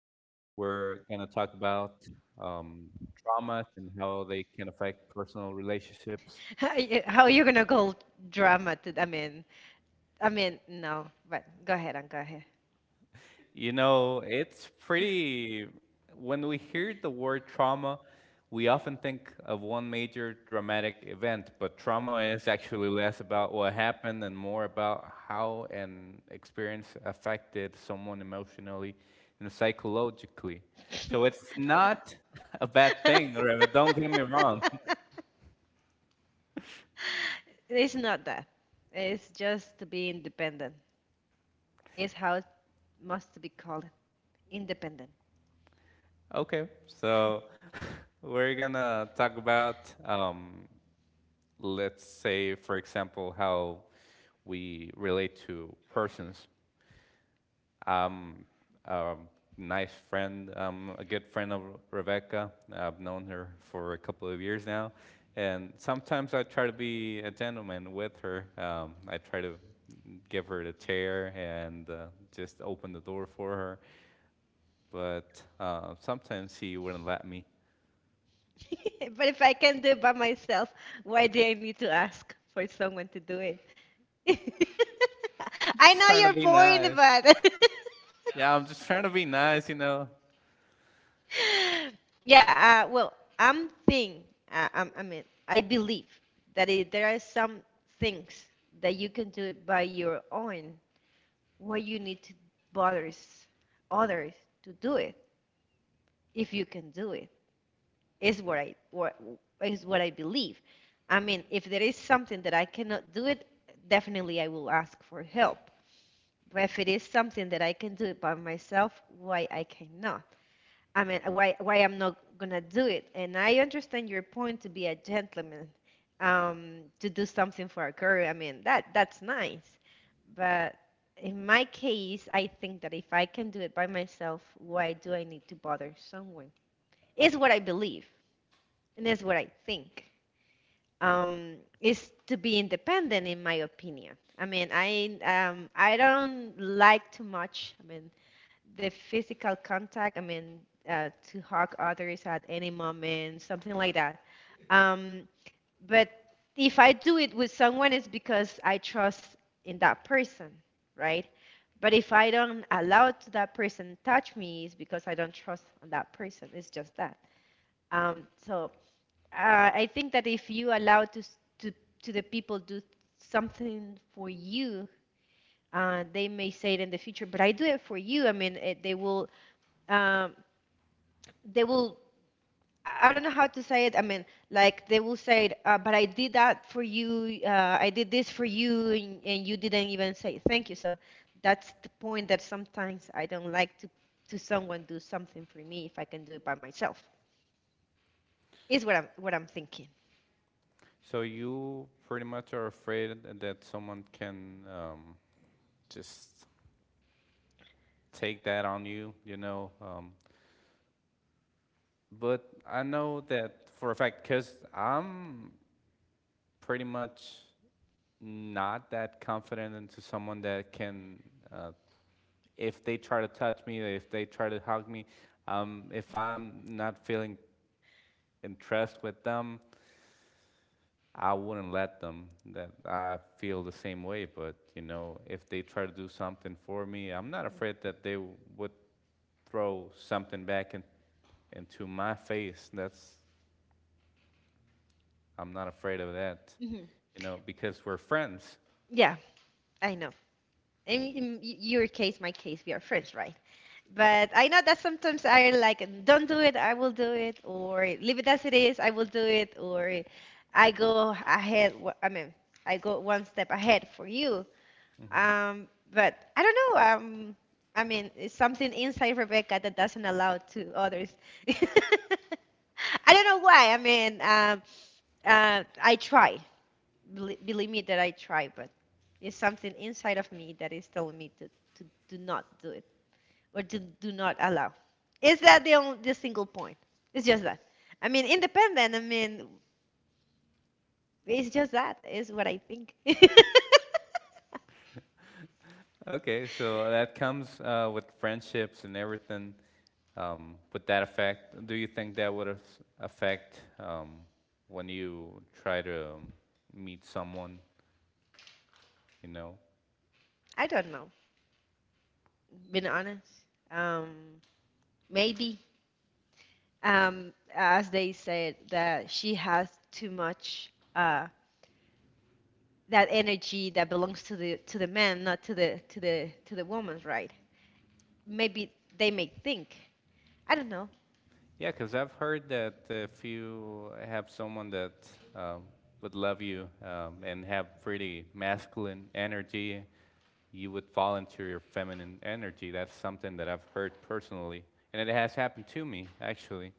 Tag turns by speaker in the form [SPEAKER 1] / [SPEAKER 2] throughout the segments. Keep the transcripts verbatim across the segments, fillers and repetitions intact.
[SPEAKER 1] here. We're going to talk about um, traumas and how they can affect personal relationships.
[SPEAKER 2] How you- how you gonna go drama to, I mean, I mean, no, but go ahead and go ahead.
[SPEAKER 1] You know, it's pretty. When we hear the word trauma, we often think of one major dramatic event, but trauma is actually less about what happened and more about how an experience affected someone emotionally and psychologically. So it's not a bad thing, Reva, don't get me wrong.
[SPEAKER 2] It's not that. It's just to be independent. It's how it must be called, independent.
[SPEAKER 1] Okay, so we're gonna talk about um, let's say, for example, how we relate to persons. Um, a nice friend, um, a good friend of Rebecca. I've known her for a couple of years now, and sometimes I try to be a gentleman with her. Um, I try to give her the chair and uh, just open the door for her, but uh, sometimes she wouldn't let me.
[SPEAKER 2] But if I can do it by myself, why do I need to ask for someone to do it?
[SPEAKER 1] I'm
[SPEAKER 2] I
[SPEAKER 1] just
[SPEAKER 2] know
[SPEAKER 1] trying to
[SPEAKER 2] you're
[SPEAKER 1] be nice.
[SPEAKER 2] bored, but
[SPEAKER 1] Yeah, I'm just trying to be nice, you know.
[SPEAKER 2] yeah. Uh, well, I'm think. Uh, I'm, I mean, I believe that it, there are some things that you can do it by your own. Why you need to bother s- others to do it if you can do it is what I what is what I believe. I mean, if there is something that I cannot do it, definitely I will ask for help. But if it is something that I can do it by myself, why I cannot? I mean, why why I'm not gonna do it? And I understand your point to be a gentleman, um, to do something for a girl. I mean, that that's nice, but in my case, I think that if I can do it by myself, why do I need to bother someone? It's what I believe, and it's what I think. Um, is to be independent, in my opinion. I mean, I um, I don't like too much. I mean, the physical contact, I mean, uh, to hug others at any moment, something like that. Um, but if I do it with someone, it's because I trust in that person, right? But if I don't allow to that person touch me, it's because I don't trust on that person. It's just that. Um, so uh, I think that if you allow to, to to the people do something for you, uh, they may say it in the future. But I do it for you. I mean, it, they will. Um, they will, i I don't know how to say it. I mean, like, they will say it, uh, but I did that for you, uh, I did this for you, and, and you didn't even say thank you. So that's the point that sometimes I don't like to to someone do something for me if I can do it by myself is what i'm what I'm thinking.
[SPEAKER 1] So you pretty much are afraid that someone can um, just take that on you, you know. Um, but I know that for a fact because I'm pretty much not that confident into someone that can, uh, if they try to touch me, if they try to hug me, um, if I'm not feeling in trust with them, I wouldn't let them that I feel the same way, but you know, if they try to do something for me, I'm not afraid that they would throw something back in, into my face. That's I'm not afraid of that,
[SPEAKER 2] Mhm.
[SPEAKER 1] you know, because we're friends.
[SPEAKER 2] Yeah, I know. And in y- your case, my case, we are friends, right? But I know that sometimes I like, don't do it, I will do it, or leave it as it is, I will do it, or I go ahead, wh- I mean, I go one step ahead for you.
[SPEAKER 1] Mm-hmm.
[SPEAKER 2] Um, but I don't know. Um, I mean, it's something inside Rebecca that doesn't allow to others. I don't know why. I mean, um, uh, I try. Bel- Believe me that I try, but it's something inside of me that is telling me to, to do not do or do, do not allow. Is that the only the single point? It's just that. I mean, independent. I mean, it's just that. Is what I think.
[SPEAKER 1] Okay, so that comes uh, with friendships and everything. Um, would that affect? Do you think that would affect um, when you try to um, meet someone? You know,
[SPEAKER 2] I don't know. Being honest, um, maybe um, as they said that she has too much uh, that energy that belongs to the to the man, not to the to the to the woman's, right? Maybe they may think. I don't know.
[SPEAKER 1] yeah, because I've heard that if you have someone that um, would love you um, and have pretty masculine energy, you would volunteer your feminine energy. That's something that I've heard personally, and it has happened to me actually.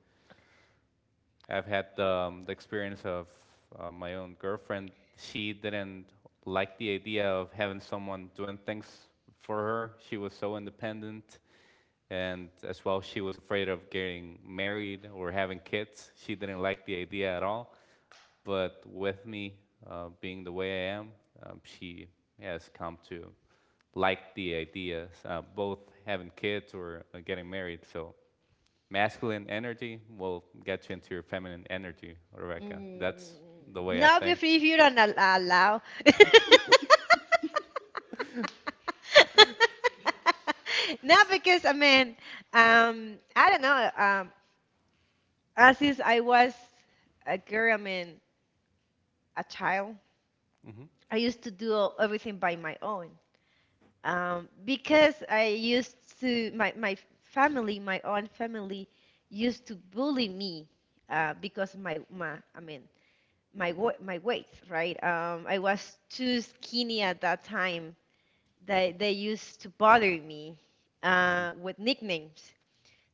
[SPEAKER 1] I've had um, the experience of uh, my own girlfriend. She didn't like the idea of having someone doing things for her. She was so independent and as well, she was afraid of getting married or having kids. She didn't like the idea at all. But with me uh, being the way I am, um, she has come to like the ideas, uh, both having kids or uh, getting married. So, masculine energy will get you into your feminine energy, Rebecca.
[SPEAKER 2] Mm,
[SPEAKER 1] That's the way I
[SPEAKER 2] no,
[SPEAKER 1] think.
[SPEAKER 2] if you don't allow. Not because, I mean, um, I don't know. Um, as Since I was a girl, I mean, a child,
[SPEAKER 1] Mm-hmm.
[SPEAKER 2] I used to do all- everything by my own. Um, because I used to my my family, my own family, used to bully me, uh, because my my I mean, my wa- my weight, right? Um, I was too skinny at that time. They they used to bother me uh, with nicknames.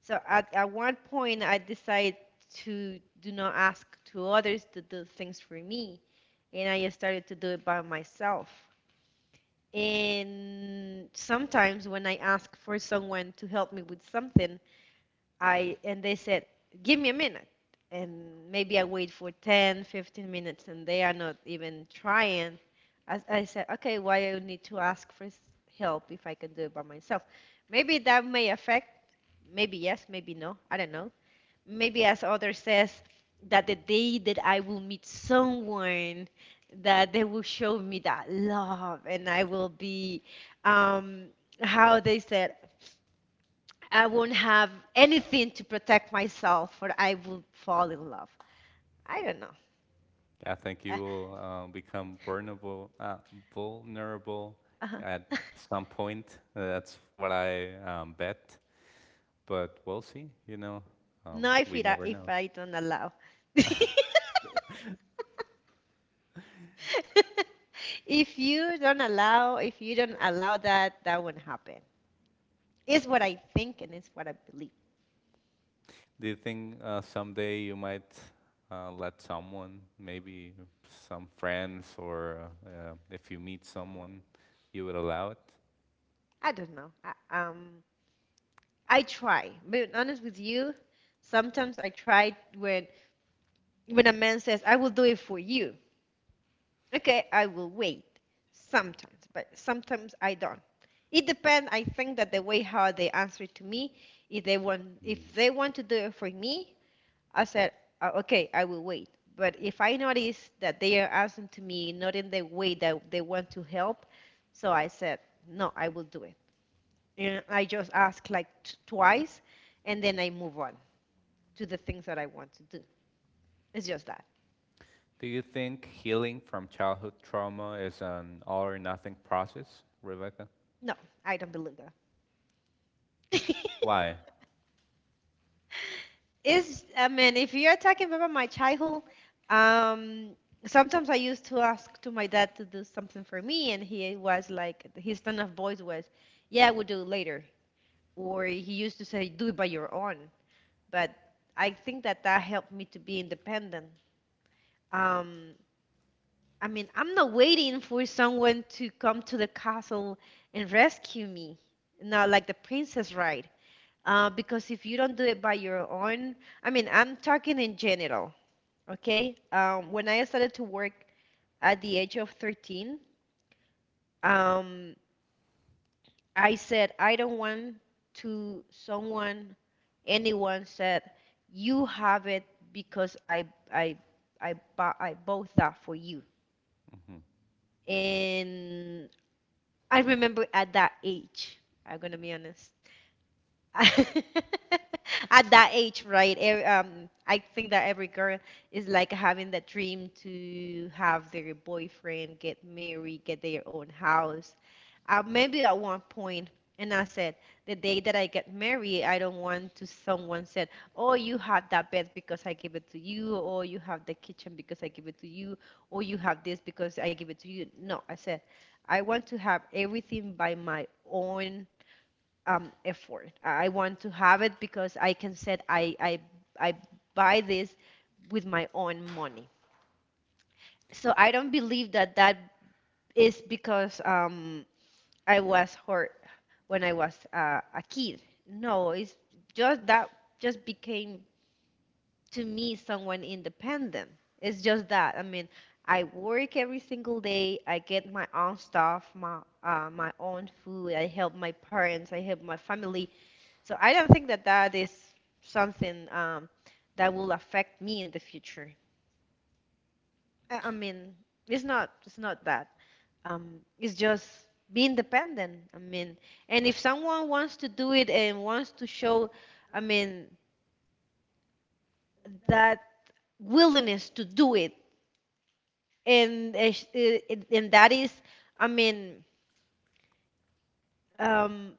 [SPEAKER 2] So at, at one point, I decided to do not ask to others to do things for me, and I started to do it by myself. And sometimes when I ask for someone to help me with something, I and they said, "Give me a minute." And maybe I wait for ten, fifteen minutes and they are not even trying. I, I said, "Okay, why I need to ask for s- help if I can do it by myself?" Maybe that may affect. Maybe yes, maybe no. I don't know. Maybe, as others says, that the day that I will meet someone that they will show me that love, and I will be, um how they said, I won't have anything to protect myself, or I will fall in love. I don't know.
[SPEAKER 1] I think
[SPEAKER 2] Uh,
[SPEAKER 1] you will uh, become vulnerable, uh, vulnerable
[SPEAKER 2] uh-huh.
[SPEAKER 1] at some point. That's what I um, bet. But we'll see. You know, um,
[SPEAKER 2] No, if
[SPEAKER 1] we
[SPEAKER 2] it,
[SPEAKER 1] never
[SPEAKER 2] if
[SPEAKER 1] know.
[SPEAKER 2] I don't allow. If you don't allow, if you don't allow that, that won't happen. It's what I think, and it's what I believe.
[SPEAKER 1] Do you think uh, someday you might uh, let someone, maybe some friends, or uh, uh, if you meet someone, you would allow it?
[SPEAKER 2] I don't know. I, um, I try. Being honest with you, sometimes I try when when a man says, "I will do it for you." Okay, I will wait. Sometimes, but sometimes I don't. It depends. I think that the way how they answer to me, if they want,
[SPEAKER 1] Mm.
[SPEAKER 2] if they want to do it for me, I said, "Uh, Okay, I will wait." But if I notice that they are asking to me not in the way that they want to help, so I said, "No, I will do it." And I just ask like t- twice, and then I move on to the things that I want to do. It's just that.
[SPEAKER 1] Do you think healing from childhood trauma is an all or nothing process, Rebecca?
[SPEAKER 2] No, I don't believe that.
[SPEAKER 1] Why?
[SPEAKER 2] It's, I mean, if you're talking about my childhood, um, sometimes I used to ask to my dad to do something for me, and he was like, his tone of voice was, "Yeah, we'll do it later," or he used to say, "Do it by your own." But I think that that helped me to be independent. Um, I mean, I'm not waiting for someone to come to the castle and rescue me. Not like the princess ride. Uh, because if you don't do it by your own, I mean, I'm talking in general, okay? Um, when I started to work at the age of thirteen, um, I said, I don't want to someone, anyone said, you have it because I, I, I, bought, I bought that for you.
[SPEAKER 1] Mhm.
[SPEAKER 2] And I remember at that age, I'm gonna be honest. At that age, right? ev- Um, I think that every girl is like having that dream to have their boyfriend, get married, get their own house. Uh, maybe at one point, and I said, the day that I get married, I don't want to someone said, "Oh, you have that bed because I give it to you," or "You have the kitchen because I give it to you," or "You have this because I give it to you." No, I said, I want to have everything by my own, um, effort. I want to have it because I can said I, I, I buy this with my own money. So I don't believe that that is because, um, I was hurt when I was, uh, a kid. No, it's just that just became to me someone independent. It's just that. I mean, I work every single day. I get my own stuff, my uh, my own food. I help my parents. I help my family. So I don't think that that is something, um, that will affect me in the future. I, I mean, it's not it's not that. Um, it's just be independent. I mean, and if someone wants to do it and wants to show, I mean, that willingness to do it, and uh, sh- uh, and that is, I mean, um,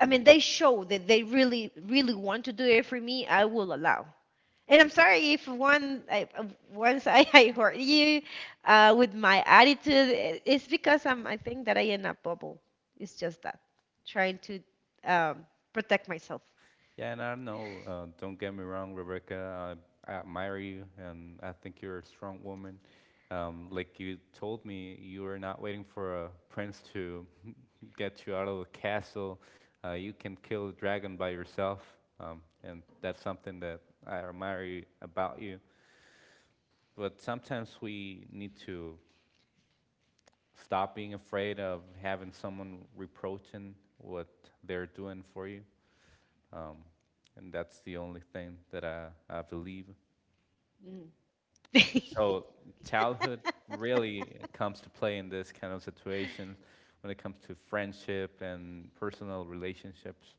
[SPEAKER 2] I mean, they show that they really really want to do it for me. I will allow. And I'm sorry if one I, uh, once I, I hurt you, uh, with my attitude. i- It's because I'm I think that I end up bubble. It's just that trying to, um, protect myself.
[SPEAKER 1] Yeah, and I don't know, uh, don't get me wrong, Rebecca, I admire you and I think you're a strong woman. Um, like you told me, you are not waiting for a prince to get you out of the castle. Uh, you can kill the dragon by yourself, um, and that's something that I admire you, about you. But sometimes we need to stop being afraid of having someone reproaching what they're doing for you, and that's the only thing that I, I believe.
[SPEAKER 2] Mm,
[SPEAKER 1] So childhood really uh, comes to play in this kind of situation when it comes to friendship and personal relationships.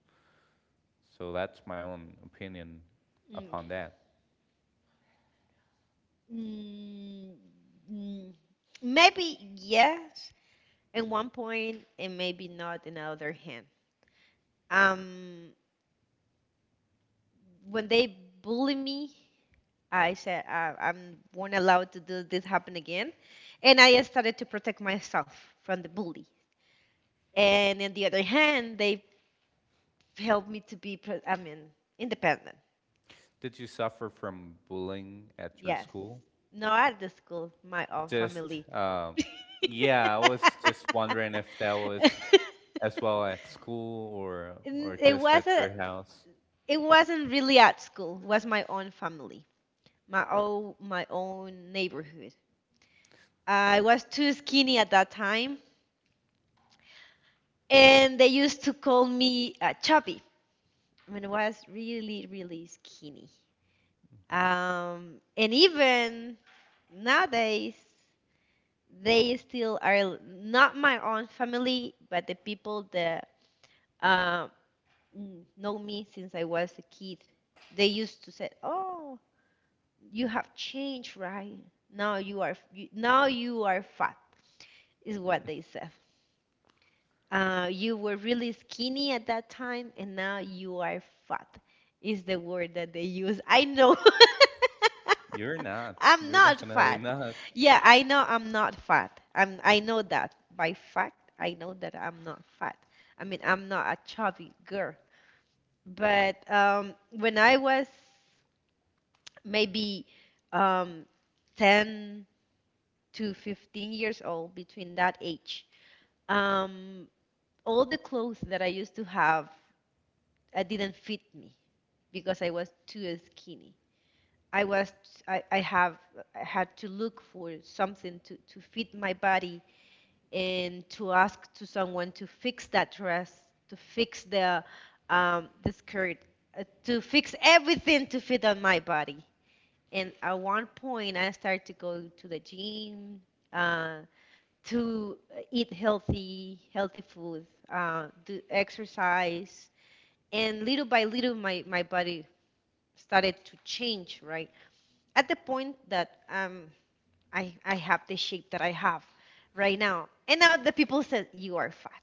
[SPEAKER 1] So that's my own opinion
[SPEAKER 2] mm,
[SPEAKER 1] upon that.
[SPEAKER 2] mm, mm. Maybe yes, at one point, and maybe not in the other hand. Um, when they bully me, I said I, I'm won't allow to do this happen again, and I started to protect myself from the bully. And on the other hand, they helped me to be, pre- I mean, independent.
[SPEAKER 1] Did you suffer from bullying at your
[SPEAKER 2] Yes,
[SPEAKER 1] school?
[SPEAKER 2] not at the school, my own
[SPEAKER 1] Just,
[SPEAKER 2] family.
[SPEAKER 1] um, yeah, I was just wondering if that was as well at school or or
[SPEAKER 2] N- It
[SPEAKER 1] just at your
[SPEAKER 2] wasn't.
[SPEAKER 1] house.
[SPEAKER 2] It wasn't really at school. It was my own family, my own my own neighborhood. I was too skinny at that time, and they used to call me, uh, chubby, when I was really, really skinny.
[SPEAKER 1] Mm-hmm.
[SPEAKER 2] Um, and even nowadays, they still are not my own family, but the people that, uh, know me since I was a kid. They used to say, "Oh, you have changed, right? Now you are you, now you are fat," is what they said. Uh, you were really skinny at that time, and now you are fat, is the word that they use. I know
[SPEAKER 1] You're not.
[SPEAKER 2] I'm
[SPEAKER 1] You're
[SPEAKER 2] not
[SPEAKER 1] definitely
[SPEAKER 2] fat.
[SPEAKER 1] not.
[SPEAKER 2] Yeah, I know I'm not fat. I'm, I know that by fact. I know that I'm not fat. I mean, I'm not a chubby girl. But um, when I was maybe um, ten to fifteen years old, between that age, um, all the clothes that I used to have I didn't fit me because I was too skinny. I was I, I have I had to look for something to, to fit my body and to ask to someone to fix that dress, to fix the um, the skirt, uh, to fix everything to fit on my body. And at one point, I started to go to the gym, uh, to eat healthy healthy food, uh, do exercise, and little by little, my my body started to change, right? At the point that um, I, I have the shape that I have right now. And now the people said, you are fat.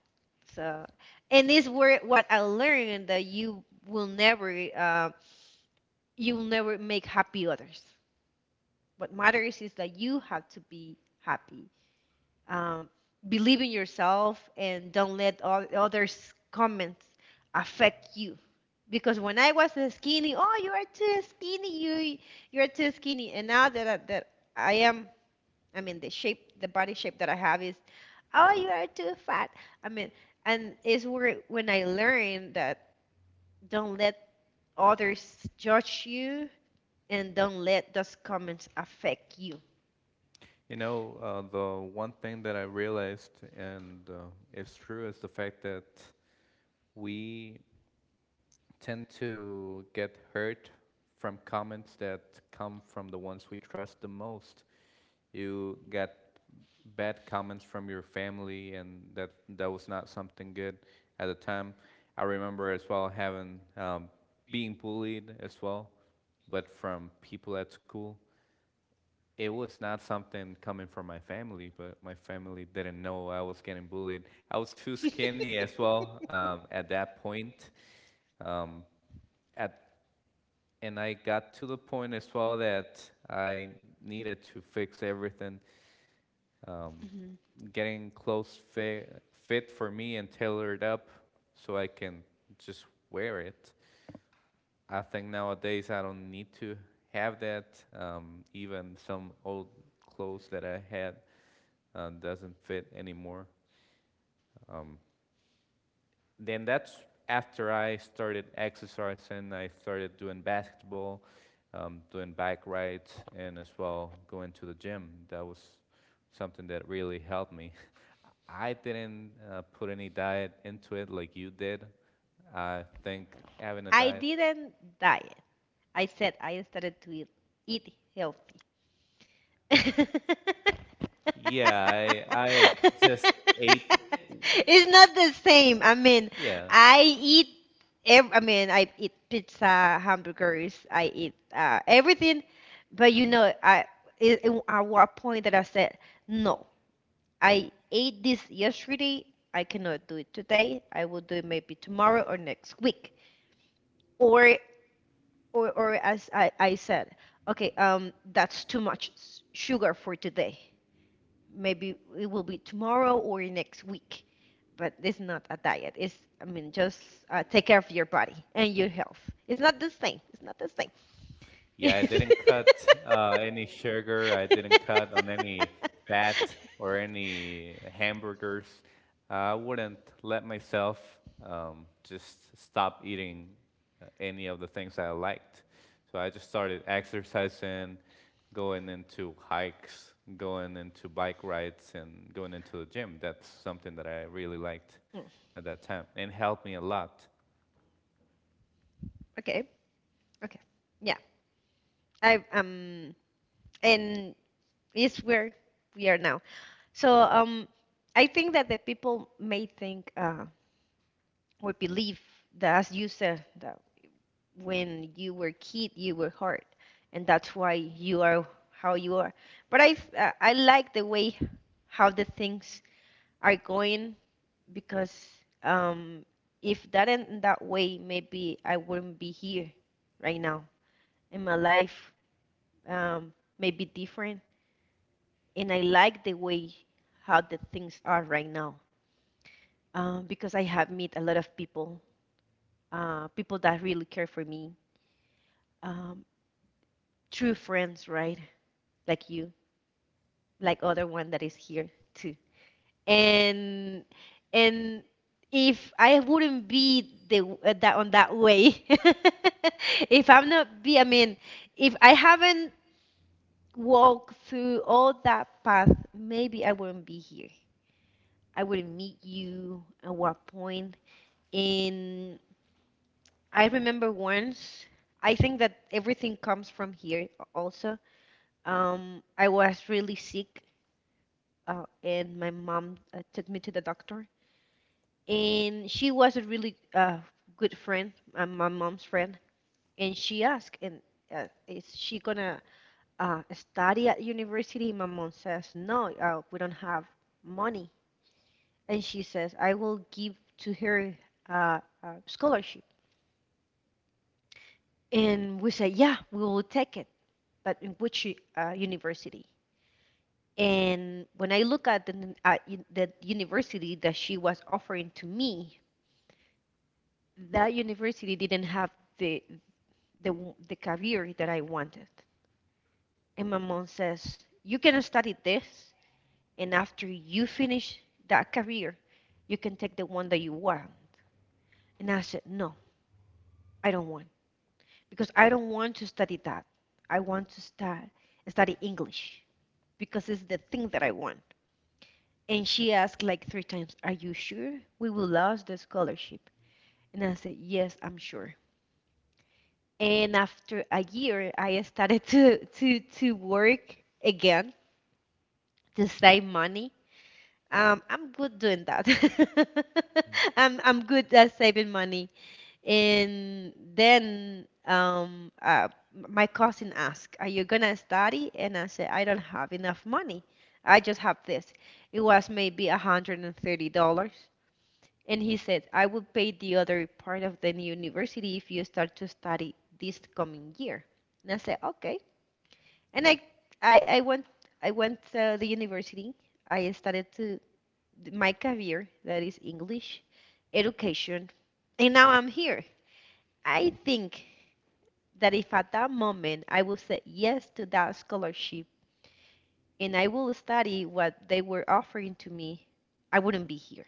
[SPEAKER 2] So, and this where what I learned that you will never, uh, you will never make happy others. What matters is that you have to be happy, um, believe in yourself and don't let all others comments affect you, because when I was skinny, oh, you are too skinny, you you're too skinny, and now that I, that I am, I mean, the shape, the body shape that I have is, oh, you are too fat. I mean, and it's where when I learned that, don't let others judge you and don't let those comments affect you.
[SPEAKER 1] You know, uh, the one thing that I realized, and uh, it's true, is the fact that we tend to get hurt from comments that come from the ones we trust the most. You got bad comments from your family, and that that was not something good at the time. I remember as well having um, being bullied as well, but from people at school it was not something coming from my family, but my family didn't know I was getting bullied. I was too skinny as well um, at that point. Um, at and I got to the point as well that I needed to fix everything,
[SPEAKER 2] Mhm.
[SPEAKER 1] getting clothes fi- fit for me and tailored up so I can just wear it. I think nowadays I don't need to have that. Um, even some old clothes that I had uh, doesn't fit anymore. Then that's after I started exercising, I started doing basketball, um, doing bike rides, and as well going to the gym. That was something that really helped me. I didn't uh, put any diet into it like you did. I think having a
[SPEAKER 2] I
[SPEAKER 1] diet.
[SPEAKER 2] didn't diet. I said I started to eat, eat healthy.
[SPEAKER 1] Yeah, I I just ate.
[SPEAKER 2] It's not the same. I mean,
[SPEAKER 1] Yeah,
[SPEAKER 2] I eat. Ev- I mean, I eat pizza, hamburgers. I eat uh, everything, but you know, I it, it, at what point that I said no. I ate this yesterday. I cannot do it today. I will do it maybe tomorrow or next week. Or or or as I, I said, okay, um, that's too much s- sugar for today. Maybe it will be tomorrow or next week, but it's not a diet. It's, I mean, just uh, take care of your body and your health. It's not the same. It's not the same.
[SPEAKER 1] yeah, I didn't cut uh, any sugar. I didn't cut on any fat or any hamburgers. I wouldn't let myself um, just stop eating uh, any of the things I liked. So I just started exercising, going into hikes, going into bike rides, and going into the gym. That's something that I really liked
[SPEAKER 2] Mm,
[SPEAKER 1] at that time and helped me a lot.
[SPEAKER 2] okay, okay, yeah. I um, and it's where we are now. So, um, I think that the people may think, uh, or believe that, as you said, that when you were kid, you were hard, and that's why you are how you are. But I uh, I like the way how the things are going, because um, if that, in that way, maybe I wouldn't be here right now in my life. Um, may be different, and I like the way how the things are right now, um, because I have met a lot of people, uh, people that really care for me, um, true friends, right? Like you, like other one that is here too. And and if I wouldn't be the uh, that on that way, if I'm not be, I mean, if I haven't walked through all that path, maybe I wouldn't be here. I wouldn't meet you at one point, and I remember once, I think that everything comes from here also. Um, I was really sick, uh, and my mom uh, took me to the doctor. And she was a really uh, good friend, uh, my mom's friend. And she asked, and uh, is she gonna uh, study at university? My mom says, no, uh, we don't have money. And she says, I will give to her uh, a scholarship. And we say, yeah, we will take it, but in which uh, university? And when I look at the, n- the university that she was offering to me, that university didn't have the, the, the career that I wanted. And my mom says, you can study this, and after you finish that career, you can take the one that you want. And I said, no, I don't want, because I don't want to study that. I want to start, study English because it's the thing that I want. And she asked like three times, are you sure we will lose the scholarship? And I said, yes, I'm sure. And after a year, I started to, to, to work again to save money. Um, I'm good doing that. I'm, I'm good at saving money. And then um, uh, my cousin asked, are you going to study? And I said, I don't have enough money. I just have this. It was maybe a hundred thirty dollars. And he said, I will pay the other part of the university if you start to study this coming year. And I said, okay. And I, I, I went, I went to the university. I started to my career, that is English education. And now I'm here. I think that if at that moment I would say yes to that scholarship and I will study what they were offering to me, I wouldn't be here.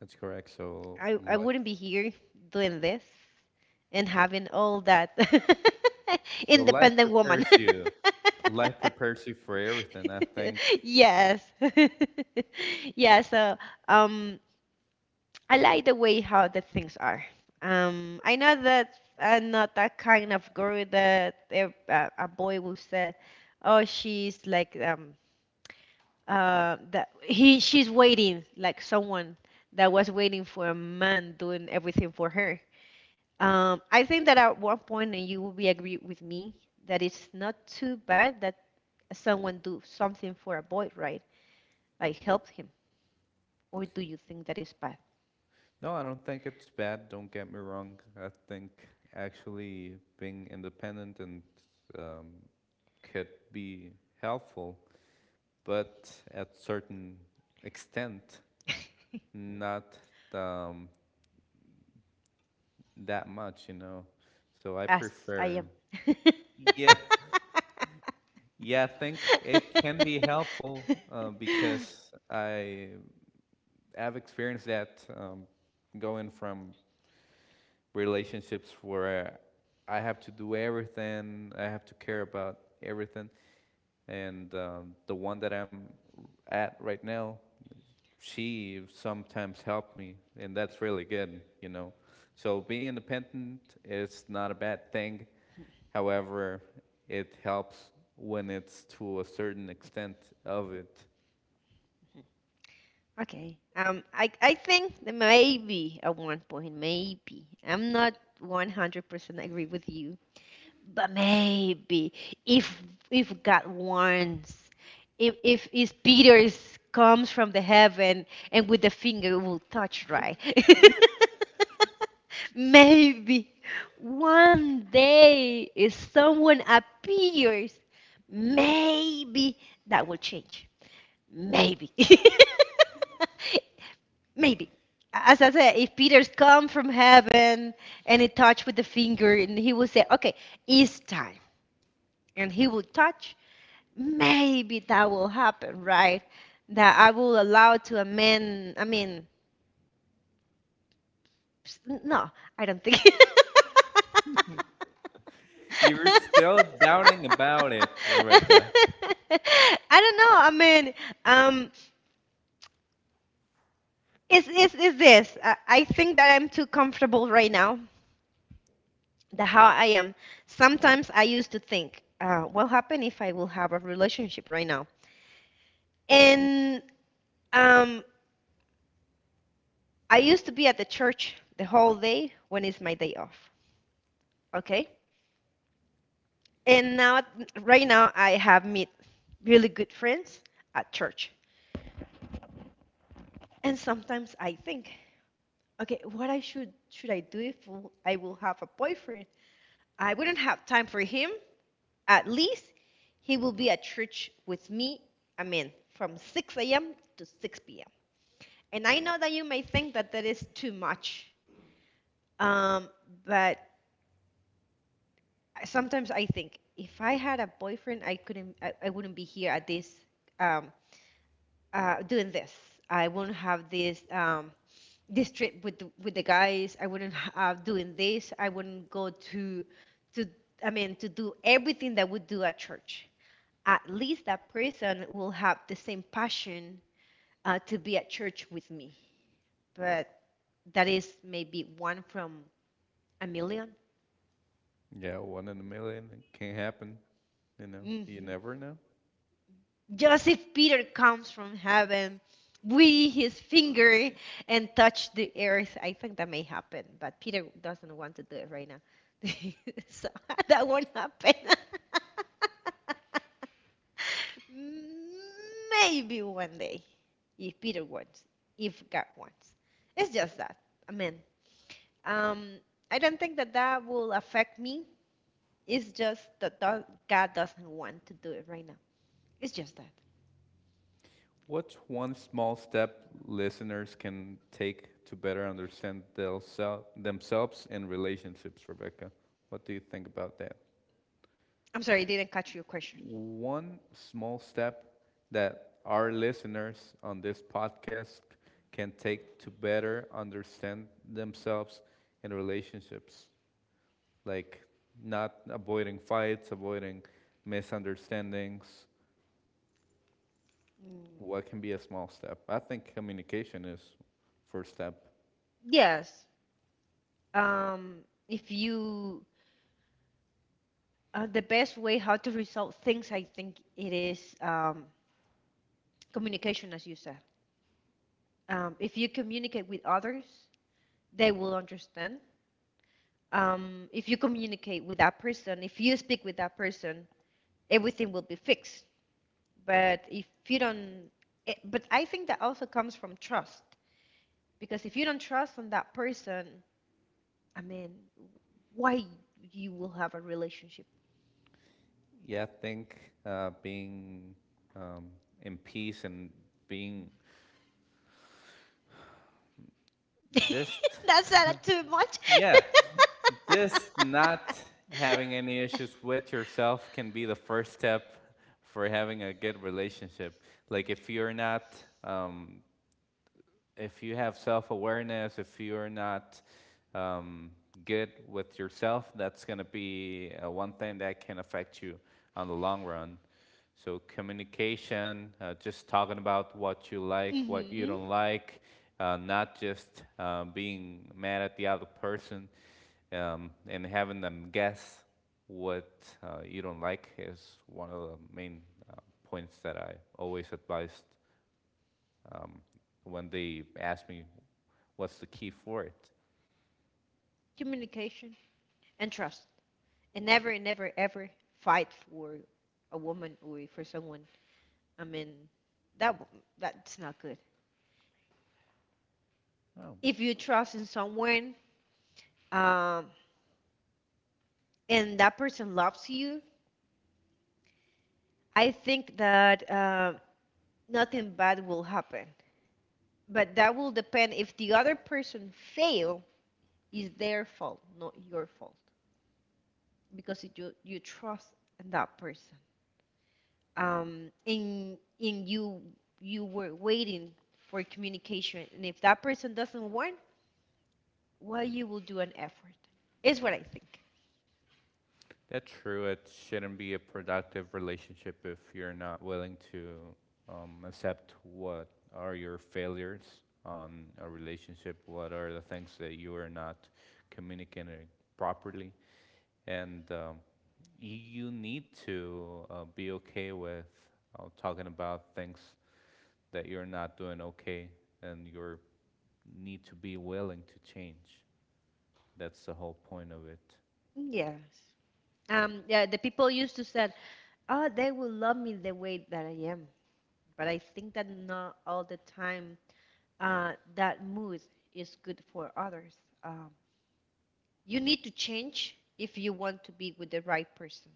[SPEAKER 1] That's correct. So
[SPEAKER 2] I, I
[SPEAKER 1] life.
[SPEAKER 2] wouldn't be here doing this, and having all that
[SPEAKER 1] So life
[SPEAKER 2] independent woman.
[SPEAKER 1] prepares you. Life prepares you for everything, I think.
[SPEAKER 2] Yes. Yeah, so um I like the way how the things are. Um, I know that I'm not that kind of girl that a, a a boy will say, "Oh, she's like um uh that he she's waiting like someone that was waiting for a man doing everything for her." Um, I think that at one point, and you will be agree with me, that it's not too bad that someone do something for a boy, right? Like help him. Or do you think that is bad?
[SPEAKER 1] No, I don't think it's bad, don't get me wrong. I think actually being independent and um, could be helpful, but at certain extent, not um, that much, you know. So I
[SPEAKER 2] As
[SPEAKER 1] prefer.
[SPEAKER 2] I am.
[SPEAKER 1] Yeah, yeah, I think it can be helpful uh, because I have experienced that um, going from relationships where I have to do everything, I have to care about everything. And um, the one that I'm at right now, she sometimes helped me, and that's really good, you know. So being independent is not a bad thing. However, it helps when it's to a certain extent of it.
[SPEAKER 2] Okay. Um, I I think that maybe at one point, maybe I'm not a hundred percent agree with you. But maybe if if God warns, if if is Peter's comes from the heaven and with the finger will touch right. Maybe one day if someone appears, maybe that will change. Maybe. Maybe. As I said, if Peter's come from heaven and he touched with the finger and he will say, okay, it's time, and he will touch, maybe that will happen, right? That I will allow to amend. I mean, no, I don't think.
[SPEAKER 1] You're still doubting about it, Rebecca.
[SPEAKER 2] I don't know. I mean, um, is is is this? I, I think that I'm too comfortable right now. The how I am. Sometimes I used to think, uh, what happen if I will have a relationship right now? And um, I used to be at the church the whole day when it's my day off. Okay? And now right now I have met really good friends at church. And sometimes I think, okay, what I should should I do if I will have a boyfriend? I wouldn't have time for him. At least he will be at church with me, I mean, from six a m to six p m. And I know that you may think that that is too much. Um, but I- sometimes I think if I had a boyfriend, I couldn't, I, I wouldn't be here at this, um, uh, doing this. I wouldn't have this, um, this trip with the, with the guys. I wouldn't have doing this. I wouldn't go to, to, I mean, to do everything that we do at church. At least that person will have the same passion uh, to be at church with me. But that is maybe one from a 1000000.
[SPEAKER 1] Yeah, one in a million, it can happen. You know, you never know.
[SPEAKER 2] Just if Peter comes from heaven with his finger and touch the earth, I think that may happen. But Peter doesn't want to do it right now. So that won't happen. Maybe one day, if Peter wants, if God wants. It's just that. Amen. Um, I don't think that that will affect me. It's just that God doesn't want to do it right now. It's just that.
[SPEAKER 1] What's one small step listeners can take to better understand themsel- themselves and relationships, Rebecca? What do you think about that?
[SPEAKER 2] I'm sorry, I didn't catch your question.
[SPEAKER 1] One small step that our listeners on this podcast can take to better understand themselves and relationships, like not avoiding fights, avoiding misunderstandings.
[SPEAKER 2] Mm.
[SPEAKER 1] What can be a small step? I think communication is first step.
[SPEAKER 2] Yes. Um, if you, uh, the best way how to resolve things, I think it is um, communication, as you said. Um, if you communicate with others, they will understand. Um, if you communicate with that person, if you speak with that person, everything will be fixed. But if you don't, it, but I think that also comes from trust, because if you don't trust on that person, I mean, why you will have a relationship?
[SPEAKER 1] Yeah, I think uh, being um, in peace and being just,
[SPEAKER 2] That's not too much.
[SPEAKER 1] yeah, just not having any issues with yourself can be the first step for having a good relationship. Like, if you're not um, if you have self awareness, if you're not um, good with yourself, that's going to be uh, one thing that can affect you on the long run. So, communication, uh, just talking about what you like, what you
[SPEAKER 2] Hmm,
[SPEAKER 1] don't like, uh, not just uh, being mad at the other person um, and having them guess what uh, you don't like is one of the main uh, points that I always advised when they ask me what's the key for it.
[SPEAKER 2] communication, and trust. And never, never, ever fight for a woman or for someone. I mean, that that's not good.
[SPEAKER 1] Oh,
[SPEAKER 2] If you trust in someone, um, and that person loves you, I think that uh, nothing bad will happen. But that will depend if the other person fail, is their fault, not your fault, because you you trust in that person. Um, and and you you were waiting for communication, and if that person doesn't want, well, you will do an effort. Is what I think.
[SPEAKER 1] that's true. It shouldn't be a productive relationship if you're not willing to um, accept what are your failures on a relationship, what are the things that you are not communicating properly, and um, you need to uh, be okay with uh, talking about things that you're not doing okay, and you need to be willing to change. That's the whole point of it.
[SPEAKER 2] Yes. Um, yeah, the people used to said, "Oh, they will love me the way that I am," but I think that not all the time uh, that mood is good for others. Um, you need to change if you want to be with the right person.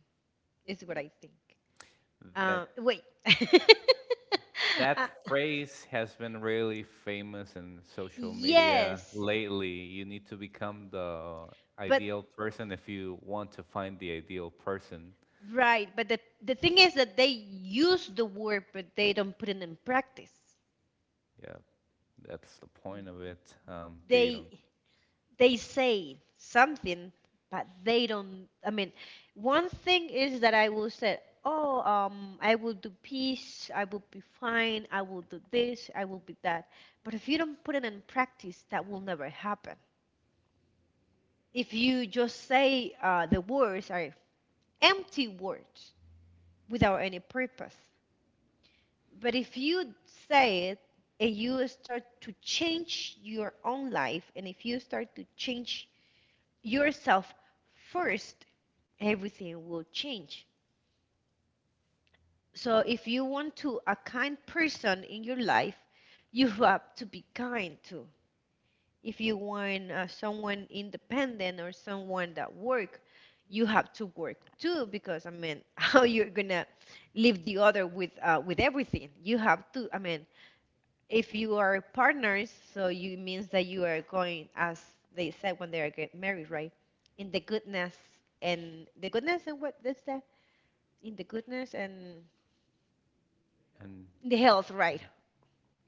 [SPEAKER 2] Is what I think.
[SPEAKER 1] That
[SPEAKER 2] Um, wait. Uh,
[SPEAKER 1] that phrase has been really famous in social media
[SPEAKER 2] yes,
[SPEAKER 1] lately. You need to become the
[SPEAKER 2] but
[SPEAKER 1] ideal person if you want to find the ideal person.
[SPEAKER 2] right. But the the thing is that they use the word, but they don't put it in practice.
[SPEAKER 1] Yeah, that's the point of it. Um, they
[SPEAKER 2] They they say something, but they don't. I mean, one thing is that I will say, "Oh, um, I will do peace. I will be fine. I will do this. I will be that." But if you don't put it in practice, that will never happen. If you just say uh, the words are empty words without any purpose, but if you say it and you start to change your own life, and if you start to change yourself first, everything will change. So if you want to a kind person in your life, you have to be kind too. If you want uh, someone independent or someone that work, you have to work too because I mean, how you're gonna leave the other with uh, with everything? You have to. I mean, if you are partners, so you means that you are going, as they said when they are get married, right? In the goodness and the goodness and what is that? In the goodness and
[SPEAKER 1] and
[SPEAKER 2] the health, right?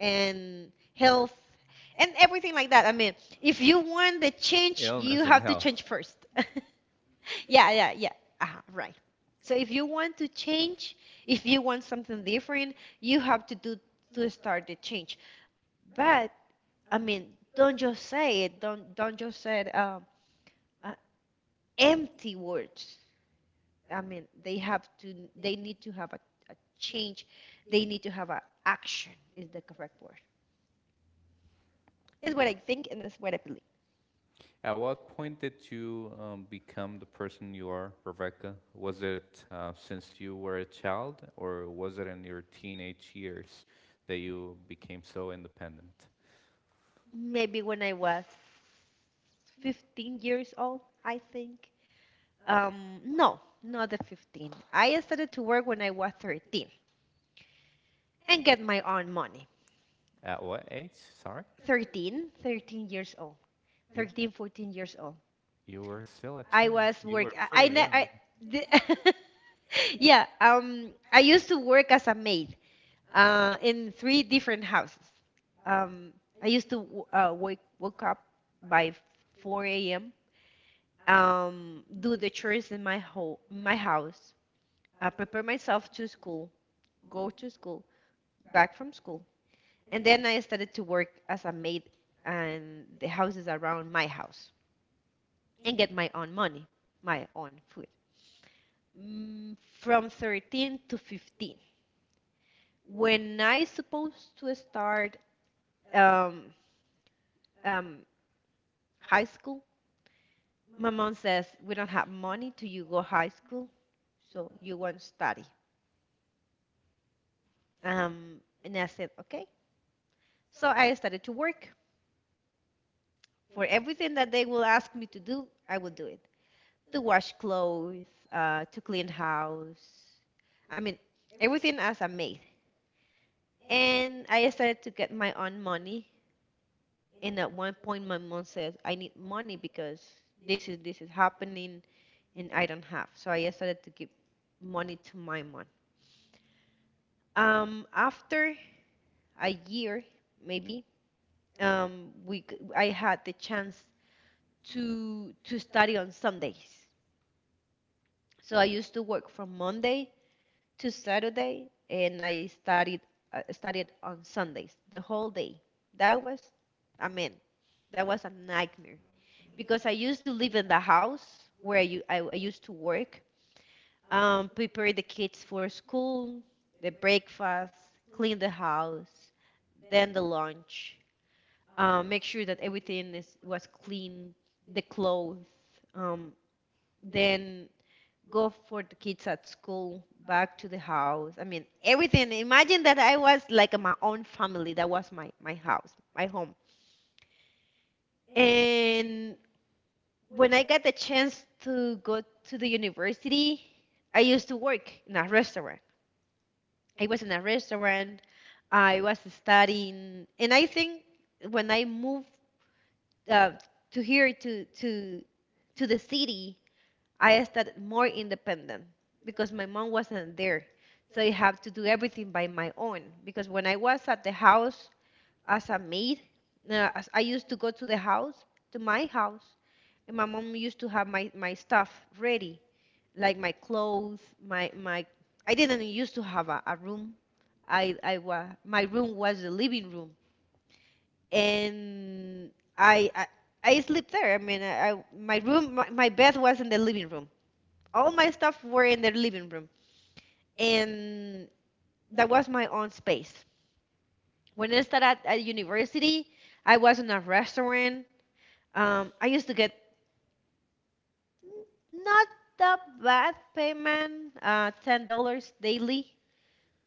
[SPEAKER 2] And health and everything like that. I mean, if you want the change, you
[SPEAKER 1] illness
[SPEAKER 2] have
[SPEAKER 1] and
[SPEAKER 2] to
[SPEAKER 1] health.
[SPEAKER 2] change first. Yeah, yeah, yeah. Uh-huh, right. So if you want to change, if you want something different, you have to do to start the change. But I mean, don't just say it. Don't don't just say it, um, uh, empty words. I mean, they have to. They need to have a, a change. They need to have an action. Is the correct word. Is what I think and it's what I believe.
[SPEAKER 1] At what point did you um, become the person you are, Rebecca? Was it uh, since you were a child, or was it in your teenage years that you became so independent?
[SPEAKER 2] Maybe when I was fifteen years old, I think. Um, no, not the fifteen. I started to work when I was thirteen and get my own money.
[SPEAKER 1] At what age? Sorry,
[SPEAKER 2] thirteen, thirteen years old,
[SPEAKER 1] you
[SPEAKER 2] thirteen, fourteen years old.
[SPEAKER 1] you were still a
[SPEAKER 2] I
[SPEAKER 1] child.
[SPEAKER 2] was
[SPEAKER 1] You
[SPEAKER 2] work.
[SPEAKER 1] were
[SPEAKER 2] I, I,
[SPEAKER 1] pretty
[SPEAKER 2] ne-
[SPEAKER 1] young.
[SPEAKER 2] I the- Yeah. Um, I used to work as a maid. Uh, in three different houses. Um, I used to w- uh, wake woke up by four a m. Um, do the chores in my ho my house. Uh, prepare myself to school. Go to school. Back from school. And then I started to work as a maid and the houses around my house and get my own money, my own food. Mm, from thirteen to fifteen. When I supposed to start um, um, high school, my mom says, we don't have money to you go high school, so you won't study. Um, and I said, okay. So I started to work. For everything that they will ask me to do, I will do it. To wash clothes, uh, to clean house. I mean, everything as a maid. And I started to get my own money. And at one point, my mom says, I need money because this is this is happening and I don't have. So I started to give money to my mom. Um, after a year, maybe, um, we c- I had the chance to to study on Sundays. So I used to work from Monday to Saturday, and I studied uh, studied on Sundays the whole day. That was, I mean, that was a nightmare because I used to live in the house where you, I, I used to work, um, prepare the kids for school, the breakfast, clean the house, then the lunch, um, make sure that everything is, was clean, the clothes, um, then go for the kids at school, back to the house. I mean, everything. Imagine that I was like my own family. That was my, my house, my home. And when I got the chance to go to the university, I used to work in a restaurant. I was in a restaurant. I was studying, and I think when I moved uh, to here to to to the city, I started more independent because my mom wasn't there, so I have to do everything by my own. Because when I was at the house as a maid, uh, as I used to go to the house to my house and my mom used to have my, my stuff ready, like my clothes, my my. I didn't used to have a, a room. I I was my room was the living room, and I I, I slept there. I mean, I, I my room my, my bed was in the living room. All my stuff were in the living room, and that was my own space. When I started at, at university, I was in a restaurant. Um, I used to get not that bad payment, uh, ten dollars daily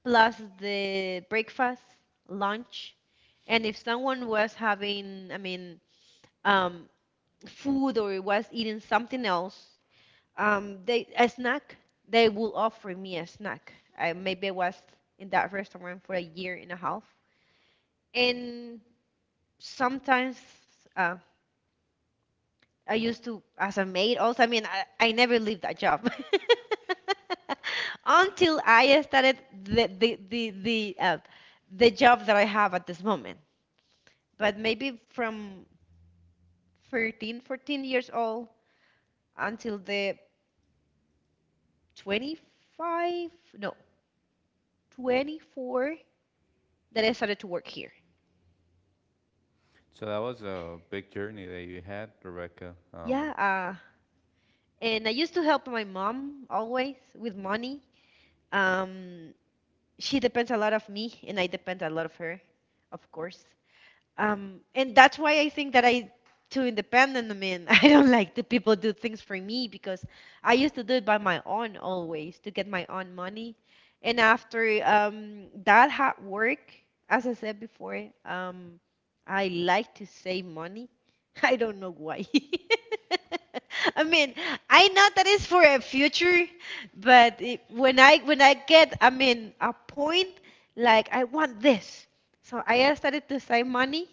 [SPEAKER 2] plus the breakfast, lunch. And if someone was having, I mean, um, food or was eating something else, um, they a snack, they will offer me a snack. I maybe I was in that restaurant for a year and a half. And sometimes, uh, I used to as a maid also. I mean, I, I never leave that job until I started the the the the, uh, the job that I have at this moment. But maybe from thirteen, fourteen years old until the twenty-five, no, twenty-four that I started to work here.
[SPEAKER 1] So that was a big journey that you had, Rebecca. Um,
[SPEAKER 2] Yeah, uh, and I used to help my mom always with money. Um, she depends a lot of me, and I depend a lot of her, of course. Um, and that's why I think that I too independent. I mean, I don't like the people do things for me because I used to do it by my own always to get my own money. And after um, that hard work, as I said before, um, I like to save money. I don't know why. I mean, I know that is for a future, but it, when I when I get, I mean, a point like I want this. So I uh, started to save money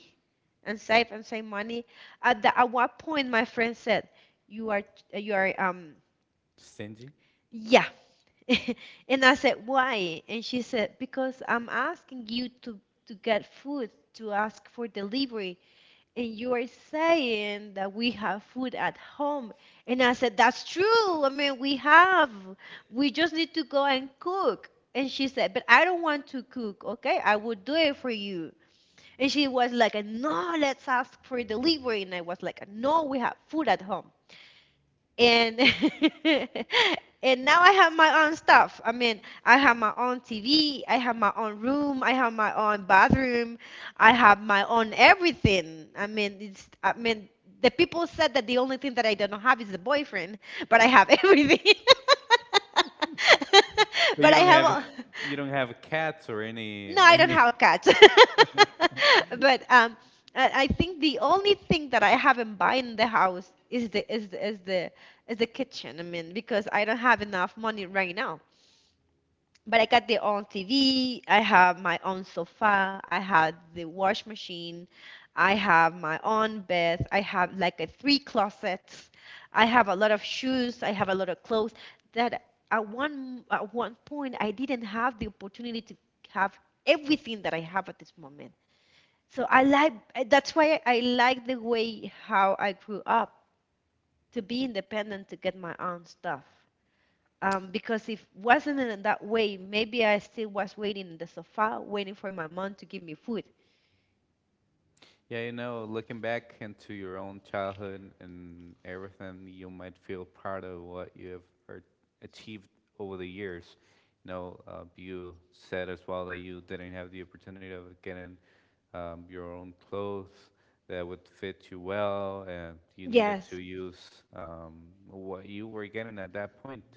[SPEAKER 2] and save and save money. At the, at one point, my friend said, "You are you are um
[SPEAKER 1] stingy,
[SPEAKER 2] yeah," and I said, "Why?" And she said, "Because I'm asking you to to get food to ask for delivery, and you are saying that we have food at home." And I said, "That's true. I mean, we have. We just need to go and cook." And she said, "But I don't want to cook. Okay, I will do it for you." And she was like, no, let's ask for delivery. And I was like, no, we have food at home. And and now I have my own stuff. I mean, I have my own T V, I have my own room, I have my own bathroom, I have my own everything. I mean, it's I mean, the people said that the only thing that I don't have is the boyfriend, but I have everything.
[SPEAKER 1] but
[SPEAKER 2] But
[SPEAKER 1] you
[SPEAKER 2] I
[SPEAKER 1] don't
[SPEAKER 2] have.
[SPEAKER 1] have
[SPEAKER 2] all-
[SPEAKER 1] you don't have cats or any
[SPEAKER 2] No, I don't
[SPEAKER 1] any.
[SPEAKER 2] have cats. But um, I I think the only thing that I haven't buy in the house is the is the, is the is the kitchen. I mean, because I don't have enough money right now. But I got the own T V, I have my own sofa, I had the wash machine, I have my own bed, I have like a three closets, I have a lot of shoes, I have a lot of clothes that at one at one point I didn't have the opportunity to have everything that I have at this moment. So I like I- that's why I like the way how I grew up to be independent to get my own stuff. Um, because if wasn't in that way, maybe I still was waiting in the sofa, waiting for my mom to give me food.
[SPEAKER 1] Yeah, you know, looking back into your own childhood and everything, you might feel proud of what you have er- achieved over the years. You know, uh, you said as well that you didn't have the opportunity of getting um, your own clothes that would fit you well, and you needed to
[SPEAKER 2] Yes.
[SPEAKER 1] use um, what you were getting at that point.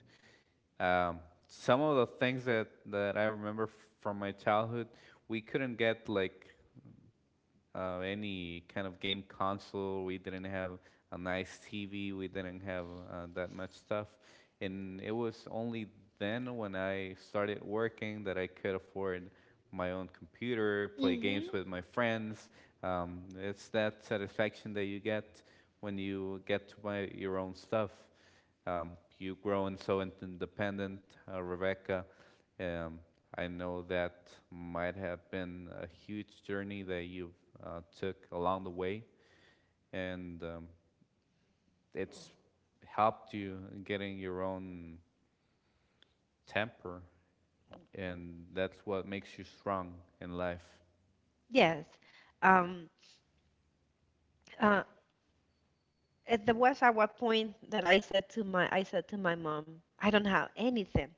[SPEAKER 1] Um, some of the things that, that I remember from my childhood, we couldn't get like uh, any kind of game console. We didn't have a nice T V. We didn't have uh, that much stuff. And it was only then when I started working that I could afford my own computer, play games
[SPEAKER 2] Mm-hmm.
[SPEAKER 1] with my friends. Um, it's that satisfaction that you get when you get to buy your own stuff. Um, you grow and so independent. Uh, Rebecca um, I know that might have been a huge journey that you've uh, took along the way, and um, it's helped you in getting your own temper, and that's what makes you strong in life.
[SPEAKER 2] Yes. Um, uh, at the was at what point that I said to my I said to my mom, I don't have anything.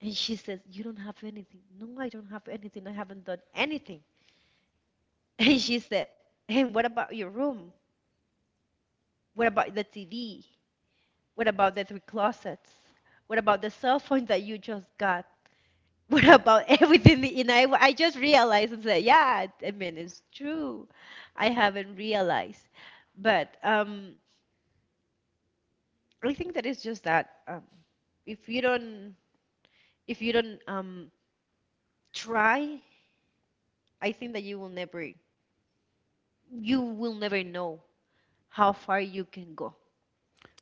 [SPEAKER 2] And she says, you don't have anything. No, I don't have anything. I haven't done anything. And she said, and what about your room? What about the T V? What about the three closets? What about the cell phone that you just got? What about everything? You know, I, I just realized and said, yeah, I mean, it's true. I haven't realized, but um, I think that it's just that um, if you don't, if you don't um, try, I think that you will never, you will never know how far you can go.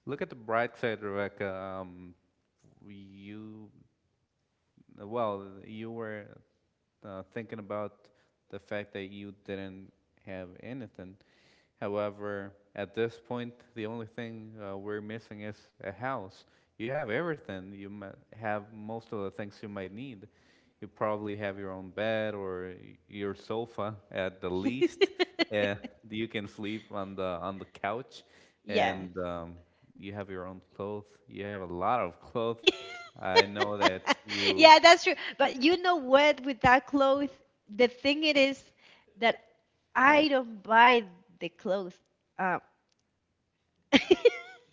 [SPEAKER 1] Look at the bright side, Rebecca. Um, you well, you were uh, thinking about the fact that you didn't have anything. However, at this point, the only thing uh, we're missing is a house. You have everything. You mi- have most of the things you might need. You probably have your own bed or your sofa at the least. Yeah, you can sleep on the on the couch,
[SPEAKER 2] Yeah.
[SPEAKER 1] and um, you have your own clothes. You have a lot of clothes. I know that you
[SPEAKER 2] Yeah, that's true. But you know what? With that clothes, the thing it is that I don't buy the clothes. Um,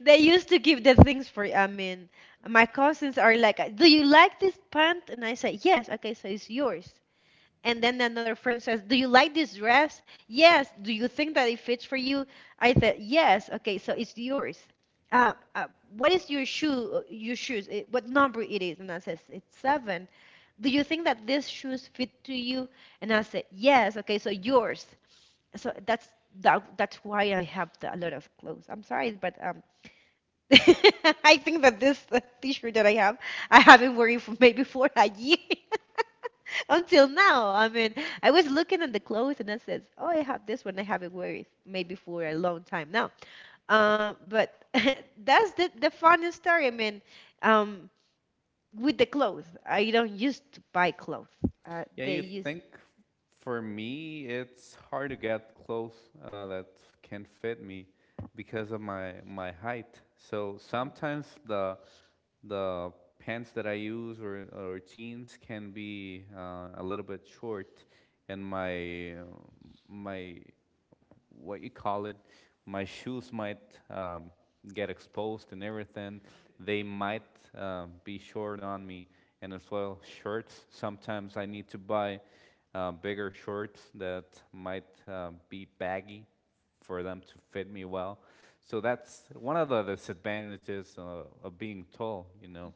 [SPEAKER 2] they used to give the things for. I mean, my cousins are like, "Do you like this pant?" And I say, "Yes." Okay, so it's yours. And then another friend says, do you like this dress? Yes. Do you think that it fits for you? I said, yes. Okay, so it's yours. Uh, uh, what is your shoe? Your shoes? Eh, what number it is? And I says, it's seven. Do you think that these shoes fit to you? And I said, yes. Okay, so yours. So that's that, that's why I have the, a lot of clothes. I'm sorry, but um, I think that this uh, t-shirt that I have, I haven't worn it for maybe for a year until now. I mean, I was looking at the clothes and I says, "Oh, I have this one. I haven't worn it maybe for a long time now." Um, but that's the the funny story. I mean, um, with the clothes, I don't used to buy clothes. Uh,
[SPEAKER 1] Yeah,
[SPEAKER 2] they
[SPEAKER 1] you
[SPEAKER 2] used
[SPEAKER 1] think for me, it's hard to get clothes uh, that can fit me because of my my height. So sometimes the the pants that I use or or jeans can be uh, a little bit short, and my uh, my what you call it. My shoes might um, get exposed and everything. They might uh, be short on me, and as well shirts. Sometimes I need to buy uh, bigger shorts that might uh, be baggy for them to fit me well. So that's one of the disadvantages uh, of being tall. You know,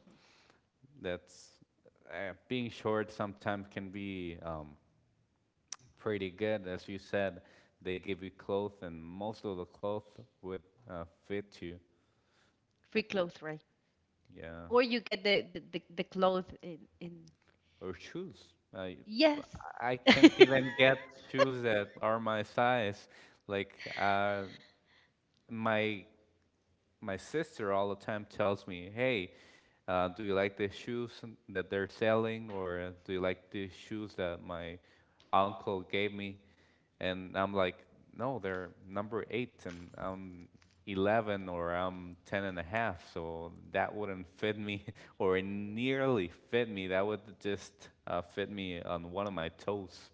[SPEAKER 1] that's uh, being short sometimes can be um, pretty good. As you said, they give you clothes, and most of the clothes would uh, fit you.
[SPEAKER 2] free clothes, right?
[SPEAKER 1] Yeah,
[SPEAKER 2] Or you get the the the, the clothes in in
[SPEAKER 1] or shoes. I
[SPEAKER 2] yes.
[SPEAKER 1] I can't even get shoes that are my size. Like uh, my my sister all the time tells me, "Hey, uh, do you like the shoes that they're selling, or uh, do you like the shoes that my uncle gave me?" And I'm like, "No, they're number eight, and I'm eleven or I'm ten and a half, so that wouldn't fit me, or it nearly fit me. That would just uh, fit me on one of my toes,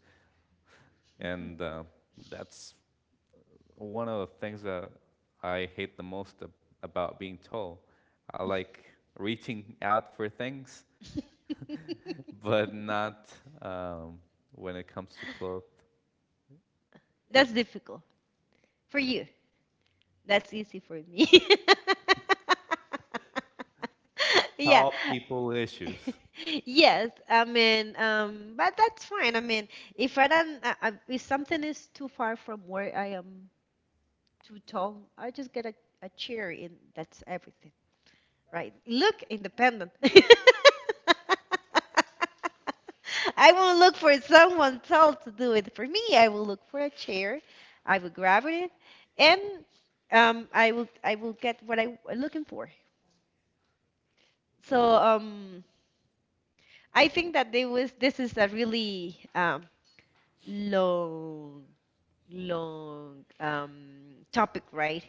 [SPEAKER 1] and uh, that's one of the things that I hate the most ab- about being tall. I like reaching out for things, but not um, when it comes to clothes.
[SPEAKER 2] That's difficult for you. That's easy for me. Yeah.
[SPEAKER 1] Tall people issues.
[SPEAKER 2] Yes, I mean, um, but that's fine. I mean, if I don't, uh, uh, if something is too far from where I am, too tall, I just get a, a chair in. That's everything, right? Look, independent. I won't look for someone tall to do it for me. I will look for a chair. I will grab it, and um, I will I will get what I'm looking for. So um, I think that they was this is a really um, long, long um, topic, right?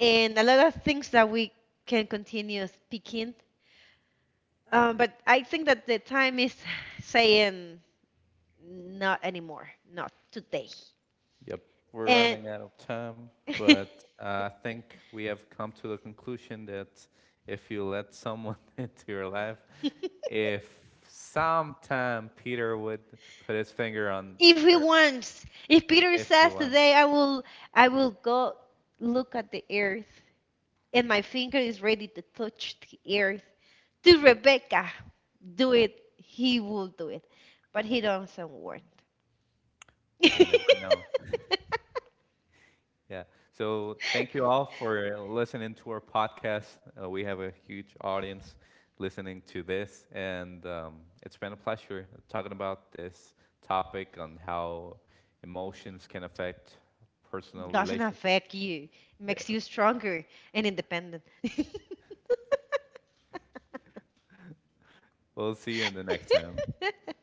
[SPEAKER 2] And a lot of things that we can continue speaking. Um, but I think that the time is saying not anymore, not today.
[SPEAKER 1] Yep, we're
[SPEAKER 2] And
[SPEAKER 1] running out of time,
[SPEAKER 2] if
[SPEAKER 1] but uh, I think we have come to the conclusion that if you let someone into your life, if sometime Peter would put his finger on
[SPEAKER 2] he
[SPEAKER 1] her,
[SPEAKER 2] wants, if Peter
[SPEAKER 1] if he
[SPEAKER 2] says
[SPEAKER 1] wants,
[SPEAKER 2] today, I will, I will go look at the earth. And my finger is ready to touch the earth. Do Rebecca do it? He will do it, but he doesn't want.
[SPEAKER 1] we never know. Yeah. So thank you all for listening to our podcast. Uh, we have a huge audience listening to this, and um, it's been a pleasure talking about this topic on how emotions can affect personal
[SPEAKER 2] doesn't
[SPEAKER 1] relationships.
[SPEAKER 2] affect you,
[SPEAKER 1] Yeah.
[SPEAKER 2] makes you stronger and independent.
[SPEAKER 1] We'll see you in the next time.